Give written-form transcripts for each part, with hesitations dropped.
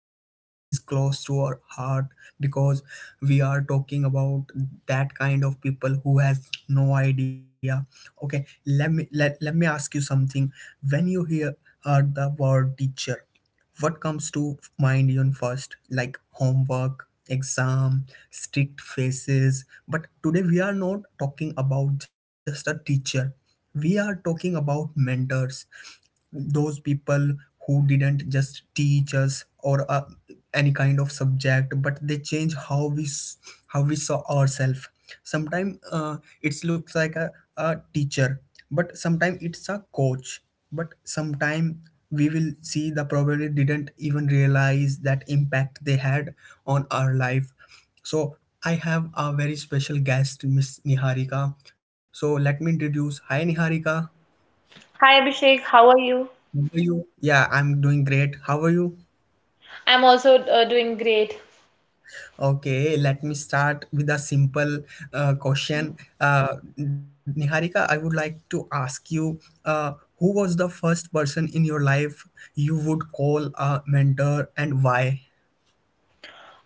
episode is close to our heart because we are talking about that kind of people who has no idea. Okay, let me ask you something. When you heard the word teacher, what comes to mind even first? Like homework, exam, strict faces. But today we are not talking about just a teacher. We are talking about mentors, those people who didn't just teach us or any kind of subject, but they change how we saw ourselves. Sometimes it looks like a teacher, but sometimes it's a coach, but sometimes we will see the probably didn't even realize that impact they had on our life. So I have a very special guest, Miss Niharika. So let me introduce. Hi, Niharika, Hi Abhishek, how are you? how are you? Yeah, I'm doing great. How are you? I'm also doing great. Okay, let me start with a simple question. Niharika, I would like to ask you, uh, who was the first person in your life you would call a mentor, and why?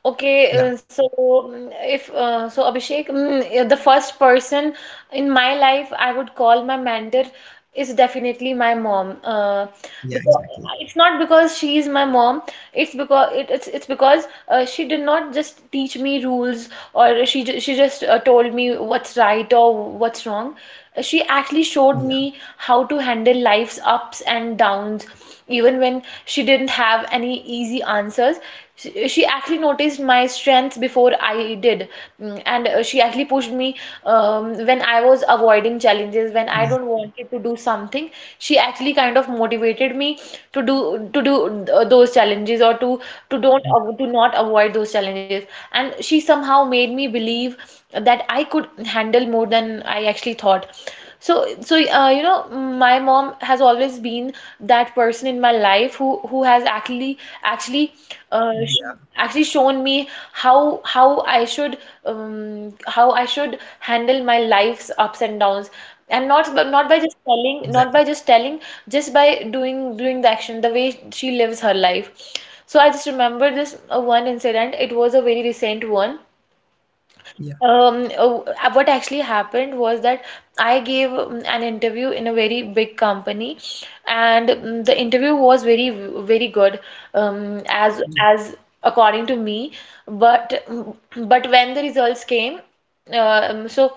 Okay, Yeah, so mm, if so, Abhishek, the first person in my life I would call my mentor is definitely my mom. Yeah, Because exactly. it's not because she is my mom. It's because it's because she did not just teach me rules or she just told me what's right or what's wrong. She actually Yeah, showed me how to handle life's ups and downs, even when she didn't have any easy answers. She actually noticed my strengths before I did. Mm, and She actually pushed me when I was avoiding yeah, challenges, when I don't wanted to do something. She actually kind of motivated me to do those challenges or to yeah, don't av- to not avoid those challenges. And she somehow made me believe that I could handle more than I actually thought. So, you know, my mom has always been that person in my life who has actually uh, sh yeah, actually shown me how I should how I should handle my life's ups and downs. And not exactly. by just telling, just by doing the action, the way she lives her life. So I just remember this one incident. It was a very recent one. Yeah, Oh, what actually happened was that I gave an interview in a very big company, and the interview was very, very good, yeah, as according to me. But um, but when the results came, uh, um, so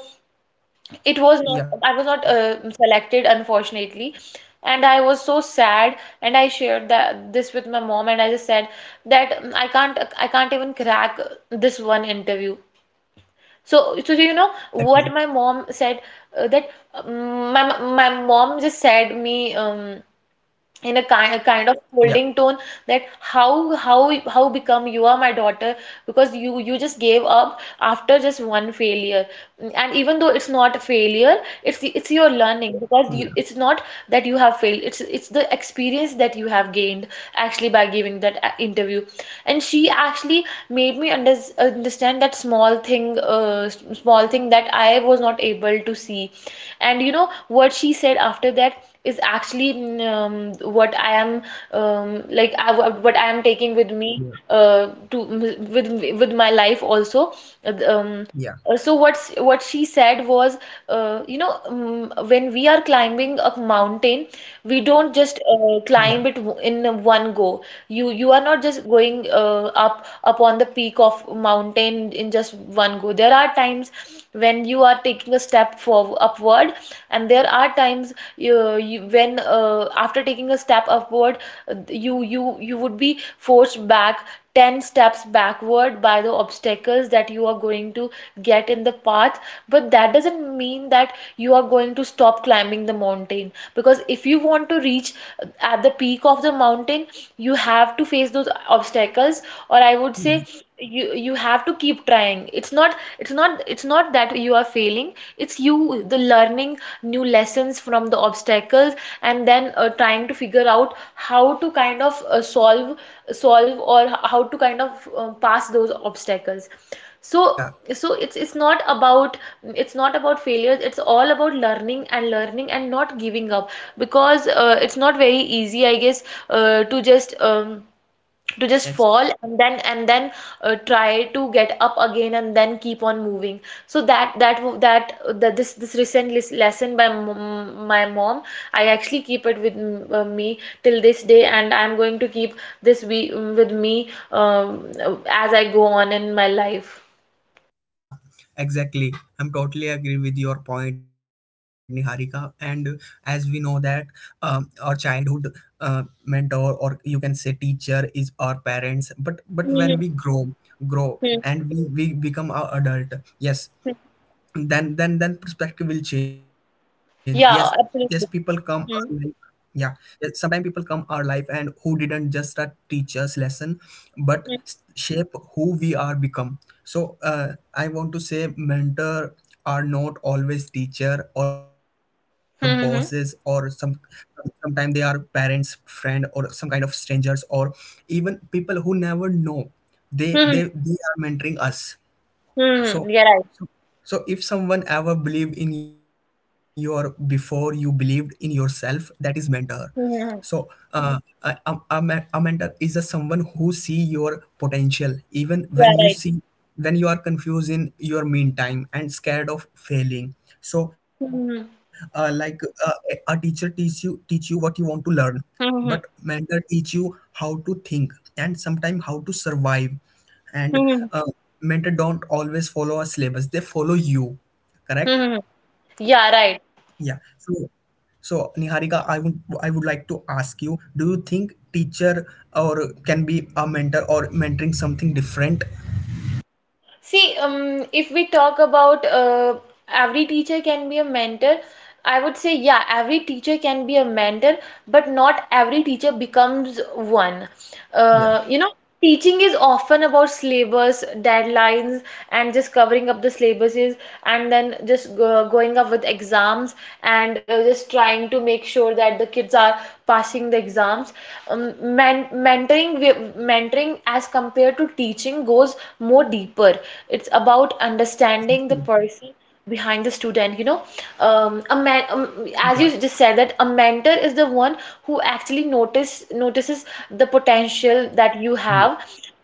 it was yeah, not. I was not selected, unfortunately, and I was so sad. And I shared that this with my mom, and I just said that I can't even crack this one interview. So, you know exactly. what my mom said that my my mom just said me in a Yeah, kind of scolding tone that how become you are my daughter because you just gave up after just one failure, and even though it's not a failure, it's your yeah, learning, because you it's not that you have failed, it's the experience that you have gained actually by giving that interview. And she actually made me understand that small thing, small thing that I was not able to see. And you know what she said after that is actually what I am, what I am taking with yeah, me, to with my life also. Uh, Um, yeah, so what she said was, you know, when we are climbing a mountain, we don't yeah, just climb it in one go. You are not just going up upon the peak of mountain in just one go. There are times when you are taking a step for upward, and there are yeah, times when, after taking a step upward, you would be forced back 10 steps backward by the obstacles that you are going to get in the path. But that doesn't mean that you are going to stop climbing the mountain, because if you want to reach at the peak of the mountain, you have to face those obstacles, or I would say yeah, you you have to keep trying. It's not that you are failing, it's you the learning new lessons from the obstacles, and then trying to figure out how to kind of solve or how to kind of pass those obstacles. so yeah, so it's it's not about failures, it's all about learning and learning and not giving up. Because it's not very easy, I guess, uh, to just um, to just yeah. fall, and then try to get up again and then keep on moving. So that that that, that this recent lesson by my mom, I actually keep it with me till this day, and I'm going to keep this we with me, as I go on in my life. Yeah, exactly. I'm totally agree with your point, Niharika. And as we know that our childhood mentor, or you can say teacher, is our parents. But when we Mhm. grow Mhm. and we become our adult, yes, Mhm. then perspective will change. Yes, yes, people Yeah, come. absolutely. Mhm. Yeah, sometimes people come our life and who didn't just teach us lesson, but Mhm. Shape who we are become. So I want to say mentor are not always teacher or bosses or some, Hmm. sometimes they are parents, friend, or some kind of strangers, or even people who never know. They they Mhm. they are mentoring us. Mm-hmm. So, Yeah, right. so, so, if someone ever believed in your before you believed in yourself, that is mentor. So, Mhm. uh, a mentor is a someone who see your potential even when Yeah, you right. see, when you are confused in your meantime and scared of failing. So, like mm a a teacher teach you what you want to learn, but mm-hmm. Mhm. mentor teach you how to think and sometimes how to survive. Hmm. And Mhm. uh, mentor don't always follow a syllabus, they follow you. Correct. Mm-hmm. Yeah. Yeah, right. So Niharika, I would like to ask you, do you think teacher or can be a mentor, or mentoring something different? See, if we talk about, every teacher can be a mentor, I would say, yeah, every teacher can be a mentor, but not every teacher becomes one. Yeah, You know, teaching is often about syllabus, deadlines, and just covering up the syllabuses and then just going up with exams and just trying to make sure that the kids are passing the exams. Mentoring, as compared to teaching goes more deeper. It's about understanding the person behind the student, you know. Yeah, A man As you just said that a mentor is the one who actually notice notices the potential that you yeah, have,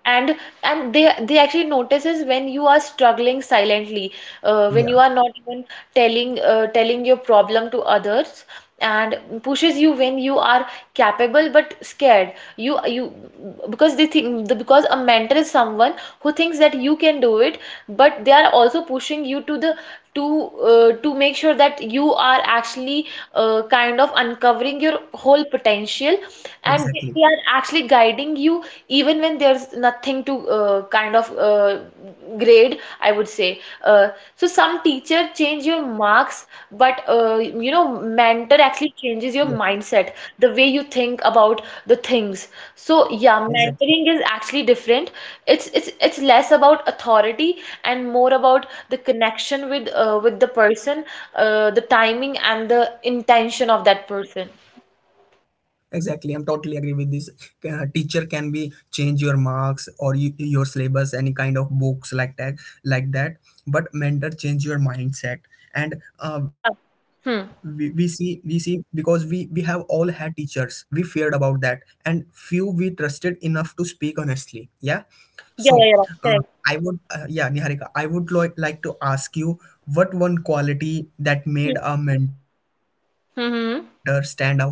and they actually notices when you are struggling silently, when yeah, you are not even telling, your problem to others, and pushes you when you are capable but scared. You Because they think because a mentor is someone who thinks that you can do it, but they are also pushing you to, to make sure that you are actually kind of uncovering your whole potential. And exactly. They are actually guiding you even when there's nothing to grade, I would say. So some teacher change your marks, but, you know, Yeah, mentor actually changes your mindset, the way you think about the things. So yeah, exactly. mentoring is actually different. It's less about authority and more about the connection with, with the person, the timing and the intention of that person. Exactly, I'm totally agree with this. Teacher can be change your marks or you, your syllabus, any kind of books like that, like that. But mentor change your mindset. And Yeah. we, we see Hmm. we see because we have all had teachers. We feared about that, and few we trusted enough to speak honestly. Yeah, Yeah, so yeah, yeah, uh, correct. I would yeah, Niharika, I would like to ask you, what one quality that made Hmm. a mentor stand out for you? Mm-hmm. Yeah.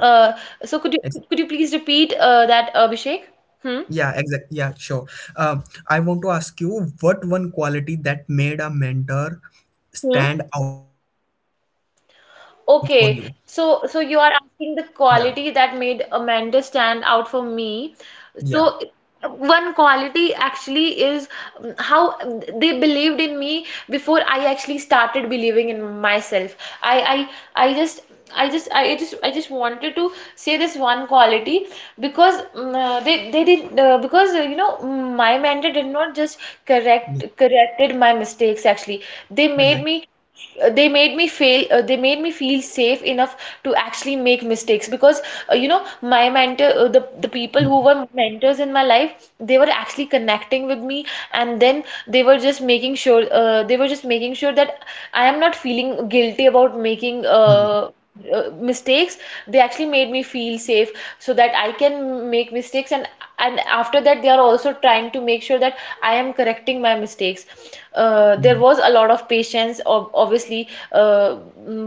Uh, Ex. so could you could you please repeat that, Abhishek? Hmm? Yeah, exactly. Yeah, sure. I want to ask you, what one quality that made a mentor Hmm. stand out for you? Okay, so Yeah, so you are asking the quality that made Amanda stand out for me. yeah, So one quality actually is, how they believed in me before I actually started believing in myself. I I I just I just wanted to say this one quality because they did, because, you know, my mentor did not just yeah, corrected my mistakes. Actually, they made exactly. me they made me feel they made me feel safe enough to actually make mistakes, because, you know, my mentor the people Mm, who were mentors in my life, they were actually connecting with me and then they were just making sure that I am not feeling guilty about making mm, mistakes. They actually made me feel safe so that I can make mistakes, and after that they are also trying to make sure that I am correcting my mistakes. There mm, was a lot of patience, obviously,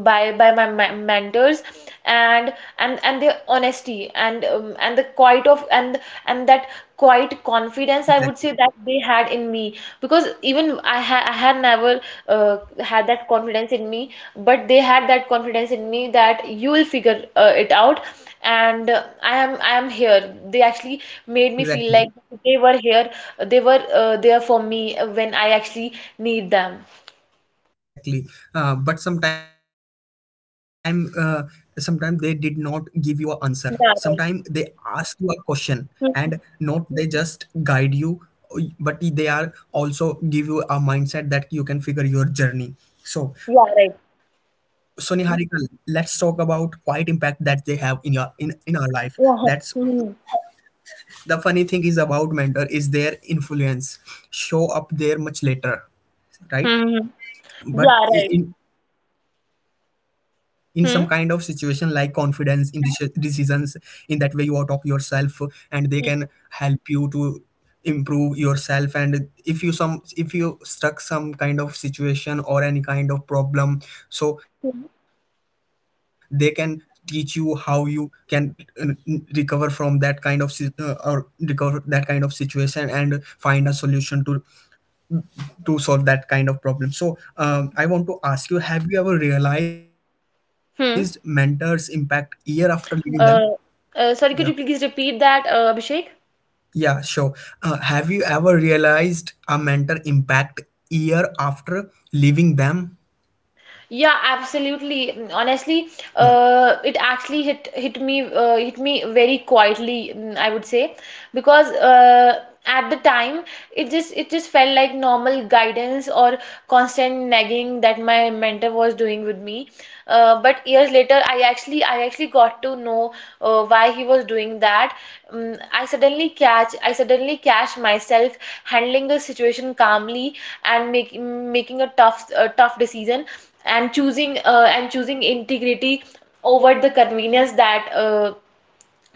by my mentors, and their honesty and, and the quiet of and that quiet confidence, I would exactly, say, that they had in me. Because even I had never had that confidence in me, but they had that confidence in me that you will figure it out. And I am here. They actually made me feel exactly. like they were here, they were, there for me when I actually need them. Exactly. But sometime they did not give you an answer. Sometime they Yeah, right. ask you a question, and Hmm. not they just guide you, but they are also give you a mindset that you can figure your journey. So, Yeah, so right. Niharika, let's talk about quiet impact that they have in your in our life. That's, Yeah, huh. Hmm. the funny thing is about mentor is their influence show up there much later, right? Hmm. But Yeah, right. in in some kind of situation, like Hmm. confidence in decisions, in that way you are talk yourself, and they can Hmm. help you to improve yourself. And if you some, if you stuck some kind of situation or any kind of problem, so they Hmm. can teach you how you can uh, recover from that kind of or recover that kind of situation and find a solution to solve that kind of problem. So, I want to ask you: Have you ever realized mentors' impact year Hmm. after leaving them? Yeah, Uh, Sorry, could you please repeat that, Abhishek? yeah, sure. Have you ever realized a mentor impact year after leaving them? Yeah, Yeah, absolutely. Honestly, it actually hit me, hit me very quietly, I would say, because, at the time it just, felt like normal guidance or constant nagging that my mentor was doing with me. But years later, I actually got to know why he was doing that. I suddenly catch myself handling the situation calmly and making a tough decision and choosing integrity over yeah, the convenience that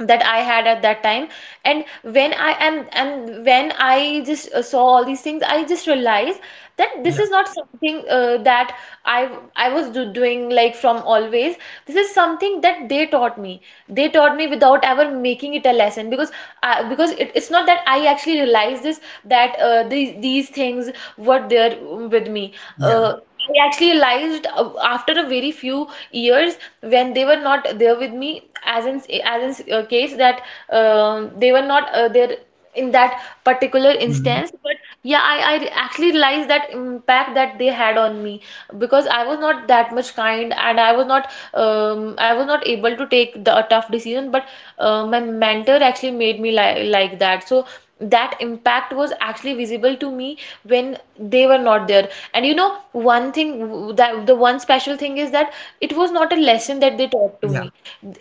that I had at that time. And when I just saw all these things, I just realized that this yeah, is not something that i doing, like, from always. This is something that they taught me. They taught me without ever making it a lesson. Because it's not that I actually realized this, that these things were there with me. yeah, uh, I actually realized after a very few years, when they were not there with me, as in case that they were not there in that particular mm, instance. But yeah, I actually realized that impact that they had on me, because I was not that much kind and I was not able to take the a tough decision. But my mentor actually made me li like that, so that impact was actually visible to me when they were not there. And you know, one thing w- that the one special thing is that it was not yeah. a lesson that they taught to me.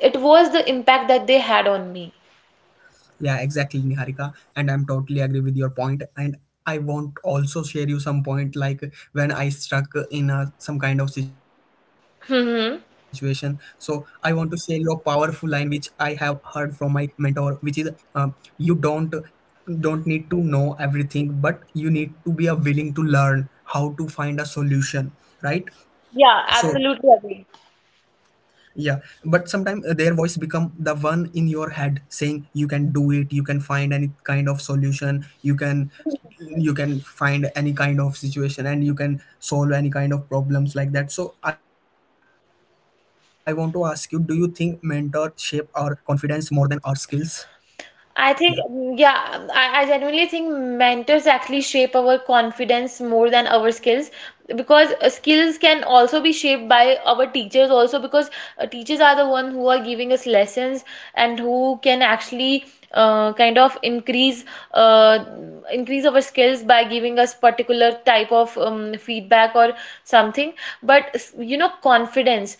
It was the impact that they had on me. Yeah, exactly, Niharika. And I'm totally agree with your point. And I want also share you some point, like when I struck in a, some kind of situation. So I want to Hmm. share you a powerful line which I have heard from my mentor, which is, uh, "You don't need to know everything, but you need to be a willing to learn how to find a solution." Right. Yeah, So absolutely agree. yeah, but sometimes their voice become the one in your head saying, you can do it, you can find any kind of solution, you can, you can find any kind of situation and you can solve any kind of problems, like that. So I want to ask you, do you think mentor shape our confidence more than our skills? Yeah, I think, yeah, I genuinely think mentors actually shape our confidence more than our skills, because skills can also be shaped by our teachers, also because teachers are the one who are giving us lessons and who can actually kind of increase uh, increase our skills by giving us particular type of feedback or something. But you know, confidence,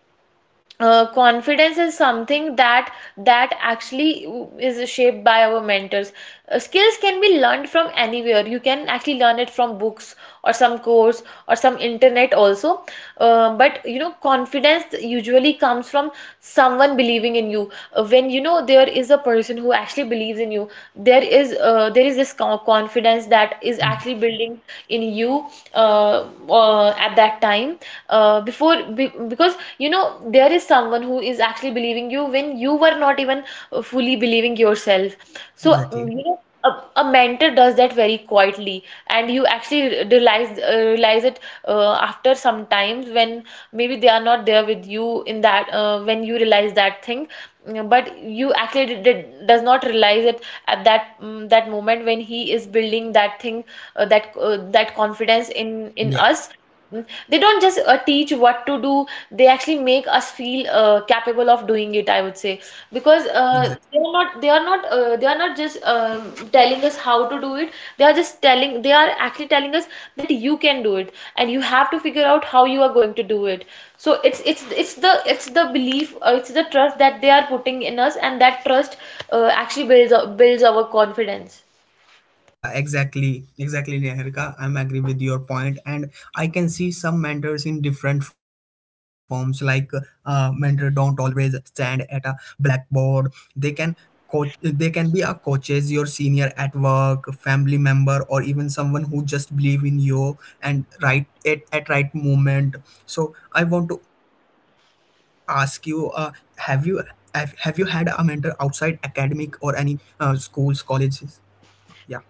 yeah, confidence is something that actually is shaped by our mentors. Skills can be learned from anywhere. You can actually learn it from books or some course or some internet also. But you know, confidence usually comes from someone believing in you. When you know there is a person who actually believes in you, there is there is this confidence that is yeah, actually building in you, uh, at that time, before, because, you know, there is someone who is actually believing you when you were not even fully believing yourself. So exactly. you know, a mentor does that very quietly, and you actually realize it after some times, when maybe they are not there with you in that, when you realize that thing. Mm, but you actually does not realize it at that, that moment, when he is building that thing, that confidence in Yeah, us. Mm, they don't just teach what to do, they actually make us feel capable of doing it, I would say. Because exactly. They are not just telling us how to do it. They are actually telling us that you can do it, and you have to figure out how you are going to do it. So it's the belief, it's the trust that they are putting in us, and that trust actually builds our confidence. Yeah, exactly. Exactly, Neharika. I'm agree with your point, and I can see some mentors in different forms. Like, mentor don't always stand at a blackboard. They can coach. They can be a coaches, your senior at work, family member, or even someone who just believe in you and right at right moment. So I want to ask you, have you have you had a mentor outside academic or any schools, colleges? Yeah.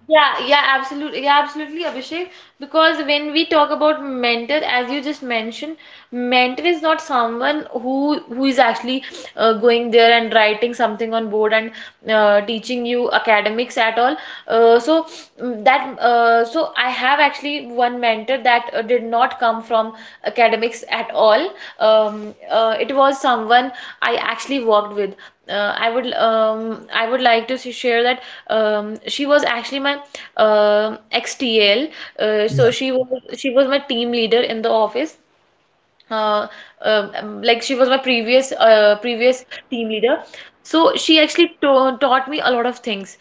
Yeah, yeah, absolutely, Abhishek. Because when we talk about mentor, as you just mentioned, mentor is not someone who is actually going there and writing something on board and teaching you academics at all. So mm, that So I have actually one mentor that did not come from academics at all. It was someone I actually worked with. I would like to share that she was actually my ex TL. Uh, so Yeah, she was she was my team leader in the office, uh, exactly, like she was my previous previous team leader. So she actually taught me a lot of things.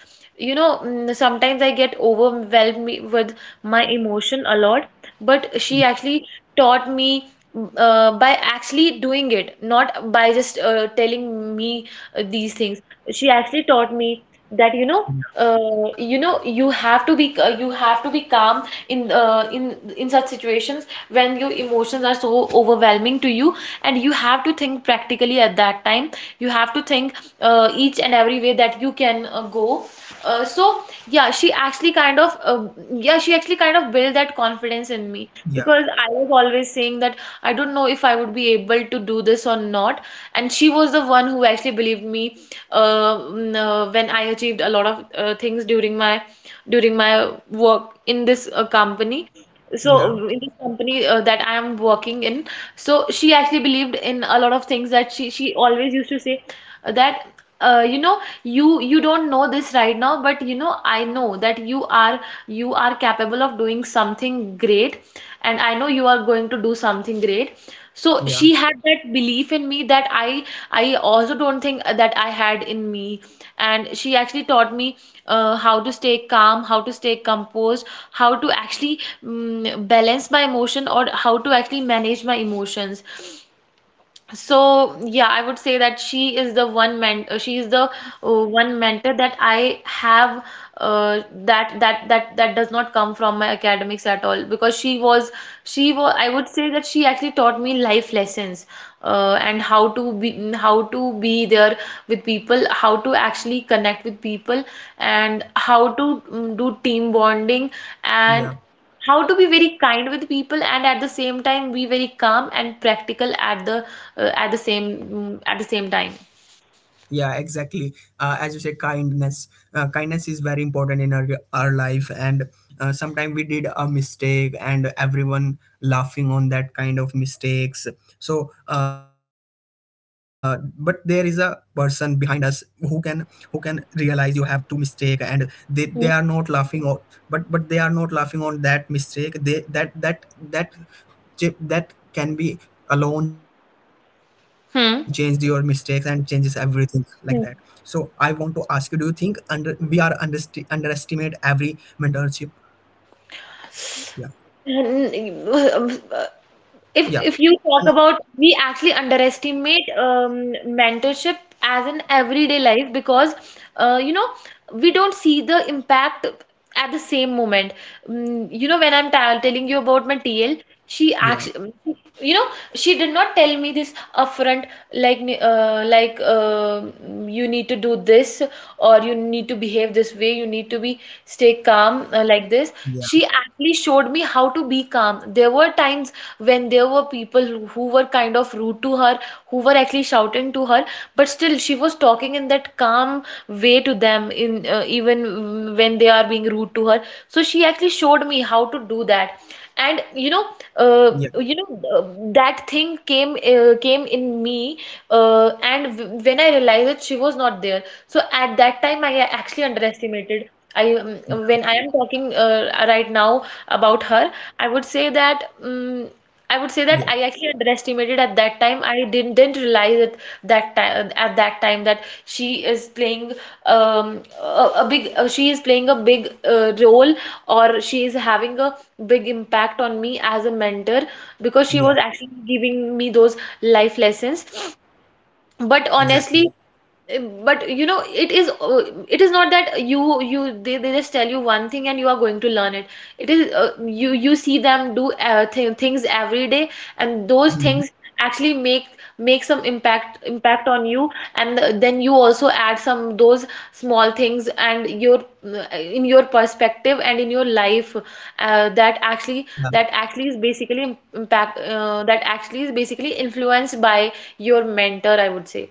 You know, sometimes I get overwhelmed with my emotion a lot. But she actually taught me, by actually doing it, not by just telling me these things. She actually taught me that, you know, yeah, you know, you have to be you have to be calm in in such situations when your emotions are so overwhelming to you, and you have to think practically at that time. You have to think each and every way that you can go. uh, so yeah, she actually kind of, yeah, she actually kind of built that confidence in me, yeah, because I was always saying that I don't know if I would be able to do this or not, and she was the one who actually believed me. When I achieved a lot of things during my work in this company, so yeah, in this company that I am working in, so she actually believed in a lot of things. That she always used to say that, you know, you don't know this right now, but you know I know that you are, you are capable of doing something great, and I know you are going to do something great. So yeah, she had that belief in me that I also don't think that I had in me. And she actually taught me how to stay calm, how to stay composed, how to actually balance my emotion, or how to actually manage my emotions. yeah, So yeah, I would say that she is the one mentor, she is the one mentor that I have, that does not come from my academics at all, because she was, she was, I would say that she actually taught me life lessons, and how to be, how to be there with people, how to actually connect with people, and how to do team bonding, and yeah, how to be very kind with people, and at the same time be very calm and practical at the same, at the same time. yeah, exactly. Uh, as you say kindness, kindness is very important in our life. And sometimes we did a mistake and everyone laughing on that kind of mistakes. So but there is a person behind us who can, who can realize you have two mistake, and they are Hmm. not laughing on, but they are not laughing on that mistake, they, that can be alone changed your mistakes and changes Hmm. everything, like that. So I want to Hmm. ask you: Do you think under we are underestimate every mentorship? Yeah, And, uh, If yeah, if you can talk I, about, we actually underestimate mentorship as an everyday life, because you know, we don't see the impact at the same moment. Mm, you know, when I'm telling you about my TL, she yeah, actually, you know, she did not tell me this upfront, like, uh, like uh, you need to do this, or you need to behave this way, you need to be, stay calm, like this. yeah, She actually showed me how to be calm. There were times when there were people who were kind of rude to her, who were actually shouting to her, but still she was talking in that calm way to them in, even, when they are being rude to her. So she actually showed me how to do that. And you know, uh, yeah, you know, uh, that thing came in me, and w when I realized that she was not there, so at that time I actually underestimated. I yeah, When I am talking right now about her, I would say that I would say that yeah, I actually underestimated at that time. I didn't realize it that time at that time, that she is playing a big, she is playing a big role, or she is having a big impact on me as a mentor, because she yeah, was actually giving me those life lessons. But exactly. honestly, Eh, but you know, it is not that they just tell you one thing and you are going to learn it. It is, you see them do th things every day, and those Hmm. things actually make some impact on you. And then you also add some, those small things, and your in your perspective and in your life, Yeah. That actually is basically impact that actually is basically influenced by your mentor, I would say.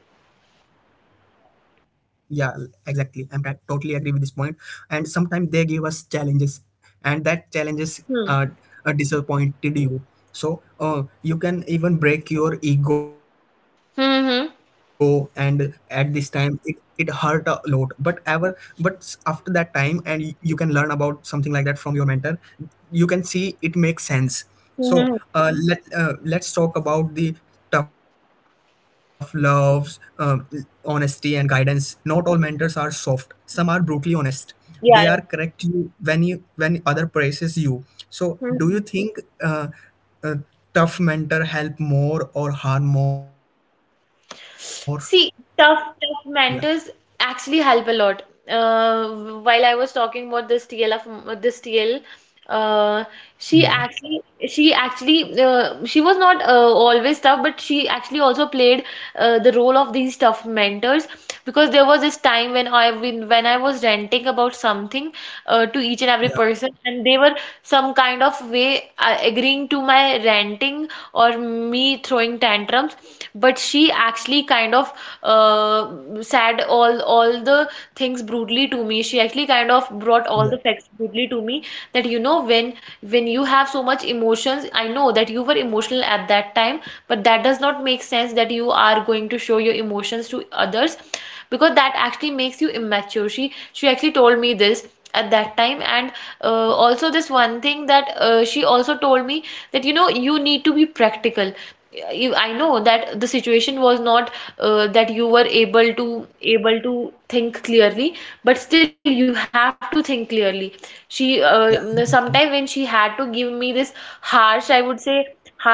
Yeah, exactly. Totally agree with this point. And sometimes they give us challenges, and that challenges uh, Hmm. Disappointed you. So you can even break your ego, and Hı. at this Hmm. time it, it hurt a lot. But ever, but after that time, and you can learn about something like that from your mentor. You can see it makes sense. Hı. So Hmm. Let's talk about the tough loves, honesty, and guidance. Not all mentors are soft. Some are brutally honest. They are Yani. correct you when other praises you. So Hı. do you think uh, a tough mentor help more or harm more? Yeah, See, tough mentors actually help a lot. While I was talking about this TL, of m- this TL, uh, she yeah, actually, she was not always tough, but she actually also played the role of these tough mentors, because there was this time when when I was ranting about something to each and every yeah, person, and they were some kind of way agreeing to my ranting or me throwing tantrums. But she actually kind of, uh, said all the things brutally to me. She actually kind of brought all yeah, the facts brutally to me, that you know, when you have so much emotions, I know that you were emotional at that time, but that does not make sense that you are going to show your emotions to others, because that actually makes you immature. She actually told me this at that time. And also this one thing that she also told me, that you know, you need to be practical. I know that the situation was not that yeah, you were able to think clearly, but still you have to think clearly. She, yeah, sometimes when she exactly. had to give me this harsh, I would say, harsh teaching.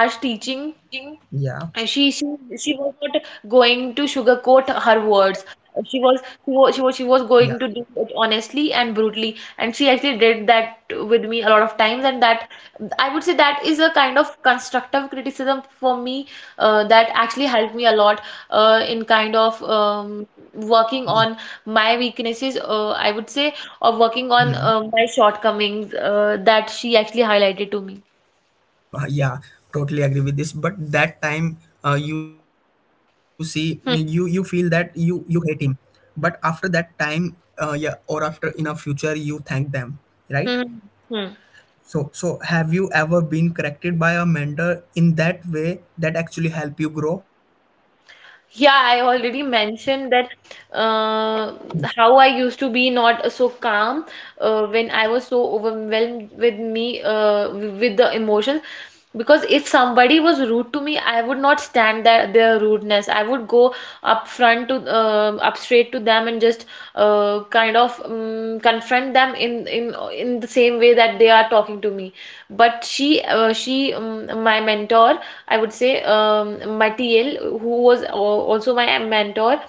And Yeah, she was not going to sugarcoat her words. She was she was she was she yeah, was going to do it honestly and brutally, and she actually did that with me a lot of times. And that I would say that is a kind of constructive criticism for me that actually helped me a lot in kind yeah. of um, working on my weaknesses. I would say, or working on Hmm. My shortcomings that she actually highlighted to me. Yeah, totally agree with this. But that time you see you you feel that Hmm, you hate him, but after that time, yeah, or after in a future you thank them, right? hmm, hmm. So so have you ever been corrected by a mentor in that way that actually help you grow? Yeah, I already mentioned that, uh, Yeah. how I used to be not so calm when I was so overwhelmed with me with the emotions. Because if somebody was rude to me, I would not stand their rudeness. I would go up straight to them and just kind of confront them in in the same way that they are talking to me. But she my mentor, I would say, Matiel, who was also my mentor,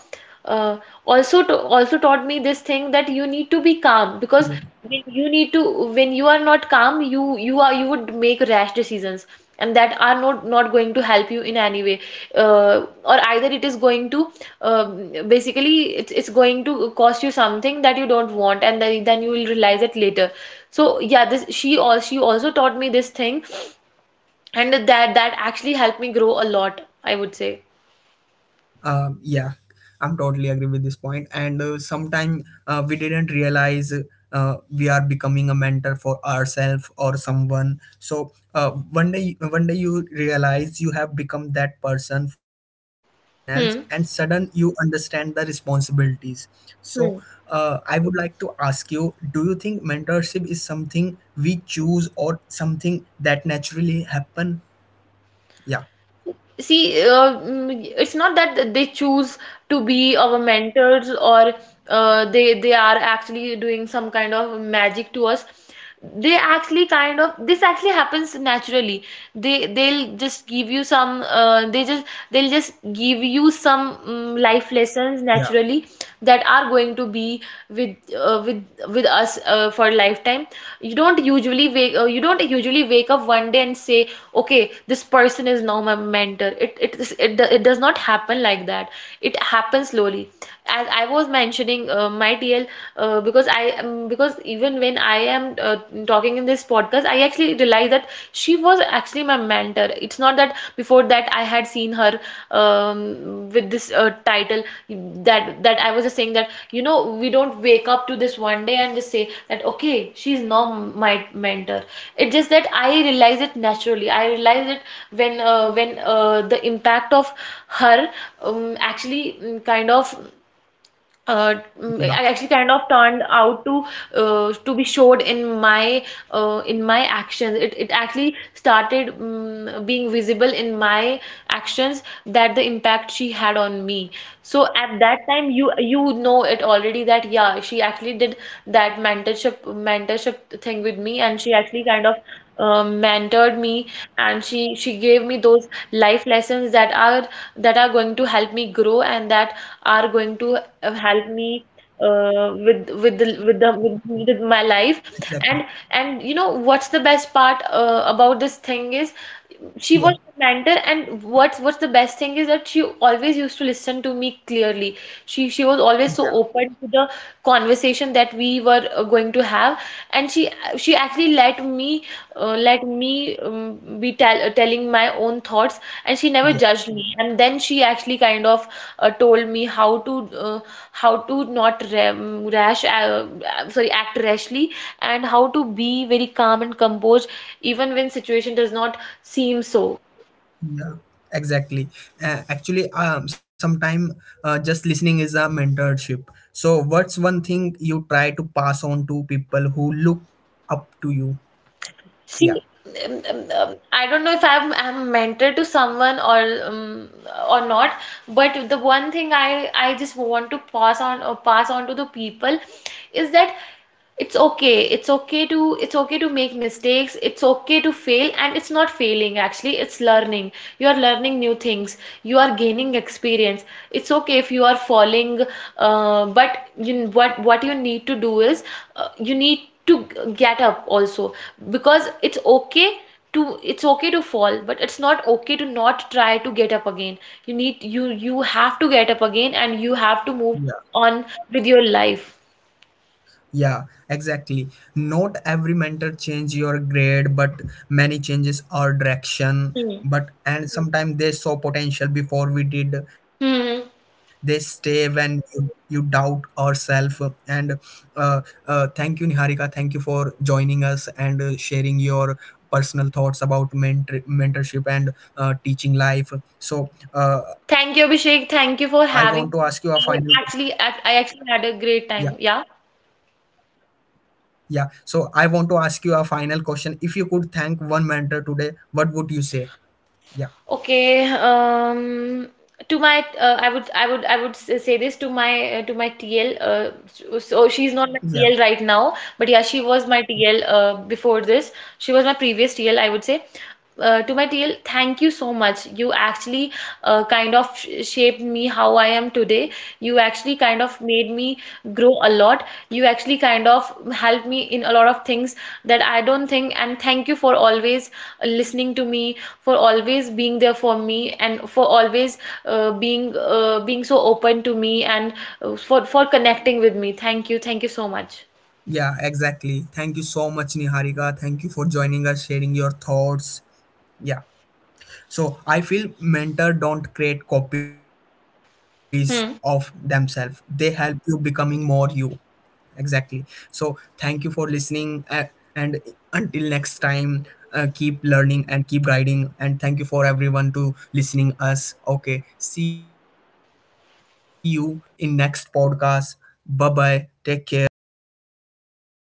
uh, also taught me this thing, that you need to be calm. Because when you need to when you are not calm, you would make rash decisions, and that are not going to help you in any way, or either it is going to, basically it's going to cost you something that you don't want, and then you will realize it later. So yeah, this she also taught me this thing, and that actually helped me grow a lot, I would say. Exactly. Yeah, I'm totally agree with this point. And sometime we didn't realize we are becoming a mentor for ourselves or someone. So one day you realize you have become that person for someone else, Hmm. and sudden you understand the responsibilities. So Hmm. I would like to ask you: Do you think mentorship is something we choose or something that naturally happen? Yeah, See, it's not that they choose to be our mentors, or they are actually doing some kind of magic to us. They actually kind of this actually happens naturally. They'll just give you some they just, they'll just give you some yeah, life lessons naturally, that are going to be with us for lifetime. You don't usually wake up one day and say, okay, this person is now my mentor. It does not happen like that. It yeah, happens slowly, as I was mentioning, my TL. Because I because even when I am, talking in this podcast, I actually realized that she was actually my mentor. It's not that before that I had seen her with this title, yeah, that I was just saying, that you know we don't wake up to this one day and just say that, okay, she's now my mentor. It's just that I realize it naturally. I realize it when the impact of her, actually mm, kind of uh, mm, I yeah, actually kind of turned out to be showed in my, in my actions. It actually started, being visible in my actions, that the impact she had on me. So at that time, you know it already, that yeah, she actually did that mentorship thing with me, and she actually kind of mentored me, and she gave me those life lessons that are, that are going to help me grow, and that are going to help me with with the, with the exactly. with, with my life. and and you know what's the best part about this thing is, she was Yeah, my mentor. And what's the best thing is that she always used to listen to me clearly. She was always so yeah, open to the conversation that we were going to have, and she actually let me be telling my own thoughts, and she never judged yeah, me. And then she actually kind of told me how to, uh, how to not sorry, act rashly, and how to be very calm and composed, even when situation does not seem so. yeah, exactly. Uh, actually, um, sometime, just listening is a mentorship. So what's one thing you try to pass on to people who look up to you? Yeah, See, I don't know if I'm mentor to someone or not, but the one thing I just want to pass on, to the people is that, it's okay. It's okay to make mistakes. It's okay to fail, and it's not failing actually. It's learning. You are learning new things. You are gaining experience. It's okay if you are falling, but you, what you need to do is, you need to get up also, because it's okay to, it's okay to fall, but it's not okay to not try to get up again. You have to get up again, and you have to move yeah. on with your life. Yeah, exactly. Not every mentor change your grade, but many changes our direction. Hmm. But and sometimes they saw potential before we did. Hmm. They stay when you doubt ourselves. And uh, thank you, Niharika. Thank you for joining us and sharing your personal thoughts about mentor, mentorship, and teaching life. So Thank you, Abhishek. I Thank you want to for ask you a having me. final. I actually had a Yeah. great time. Yeah. Yeah. So I want to ask you a final question. If you could thank one mentor today, what would you say? Yeah. Okay, to my I would say this to my TL. So she's not my TL Yeah. right now, but yeah, she was my TL before this. She was my previous TL, I would say. To my TL, thank you so much. You actually kind of shaped me how I am today. You actually kind of made me grow a lot. You actually kind of helped me in a lot of things that I don't think. And thank you for always listening to me, for always being there for me, and for always being, being so open to me, and for connecting with me. Thank you. Thank you so much. Yeah, exactly. Thank you so much, Niharika. Thank you for joining us, sharing your thoughts. Yeah. So I feel mentor don't create copies of themselves. Hmm. They help you becoming more you. Exactly. So thank you for listening, and until next time, keep learning and keep guiding, and thank you for everyone to listening us. Okay, see you in next podcast. Bye bye, take care.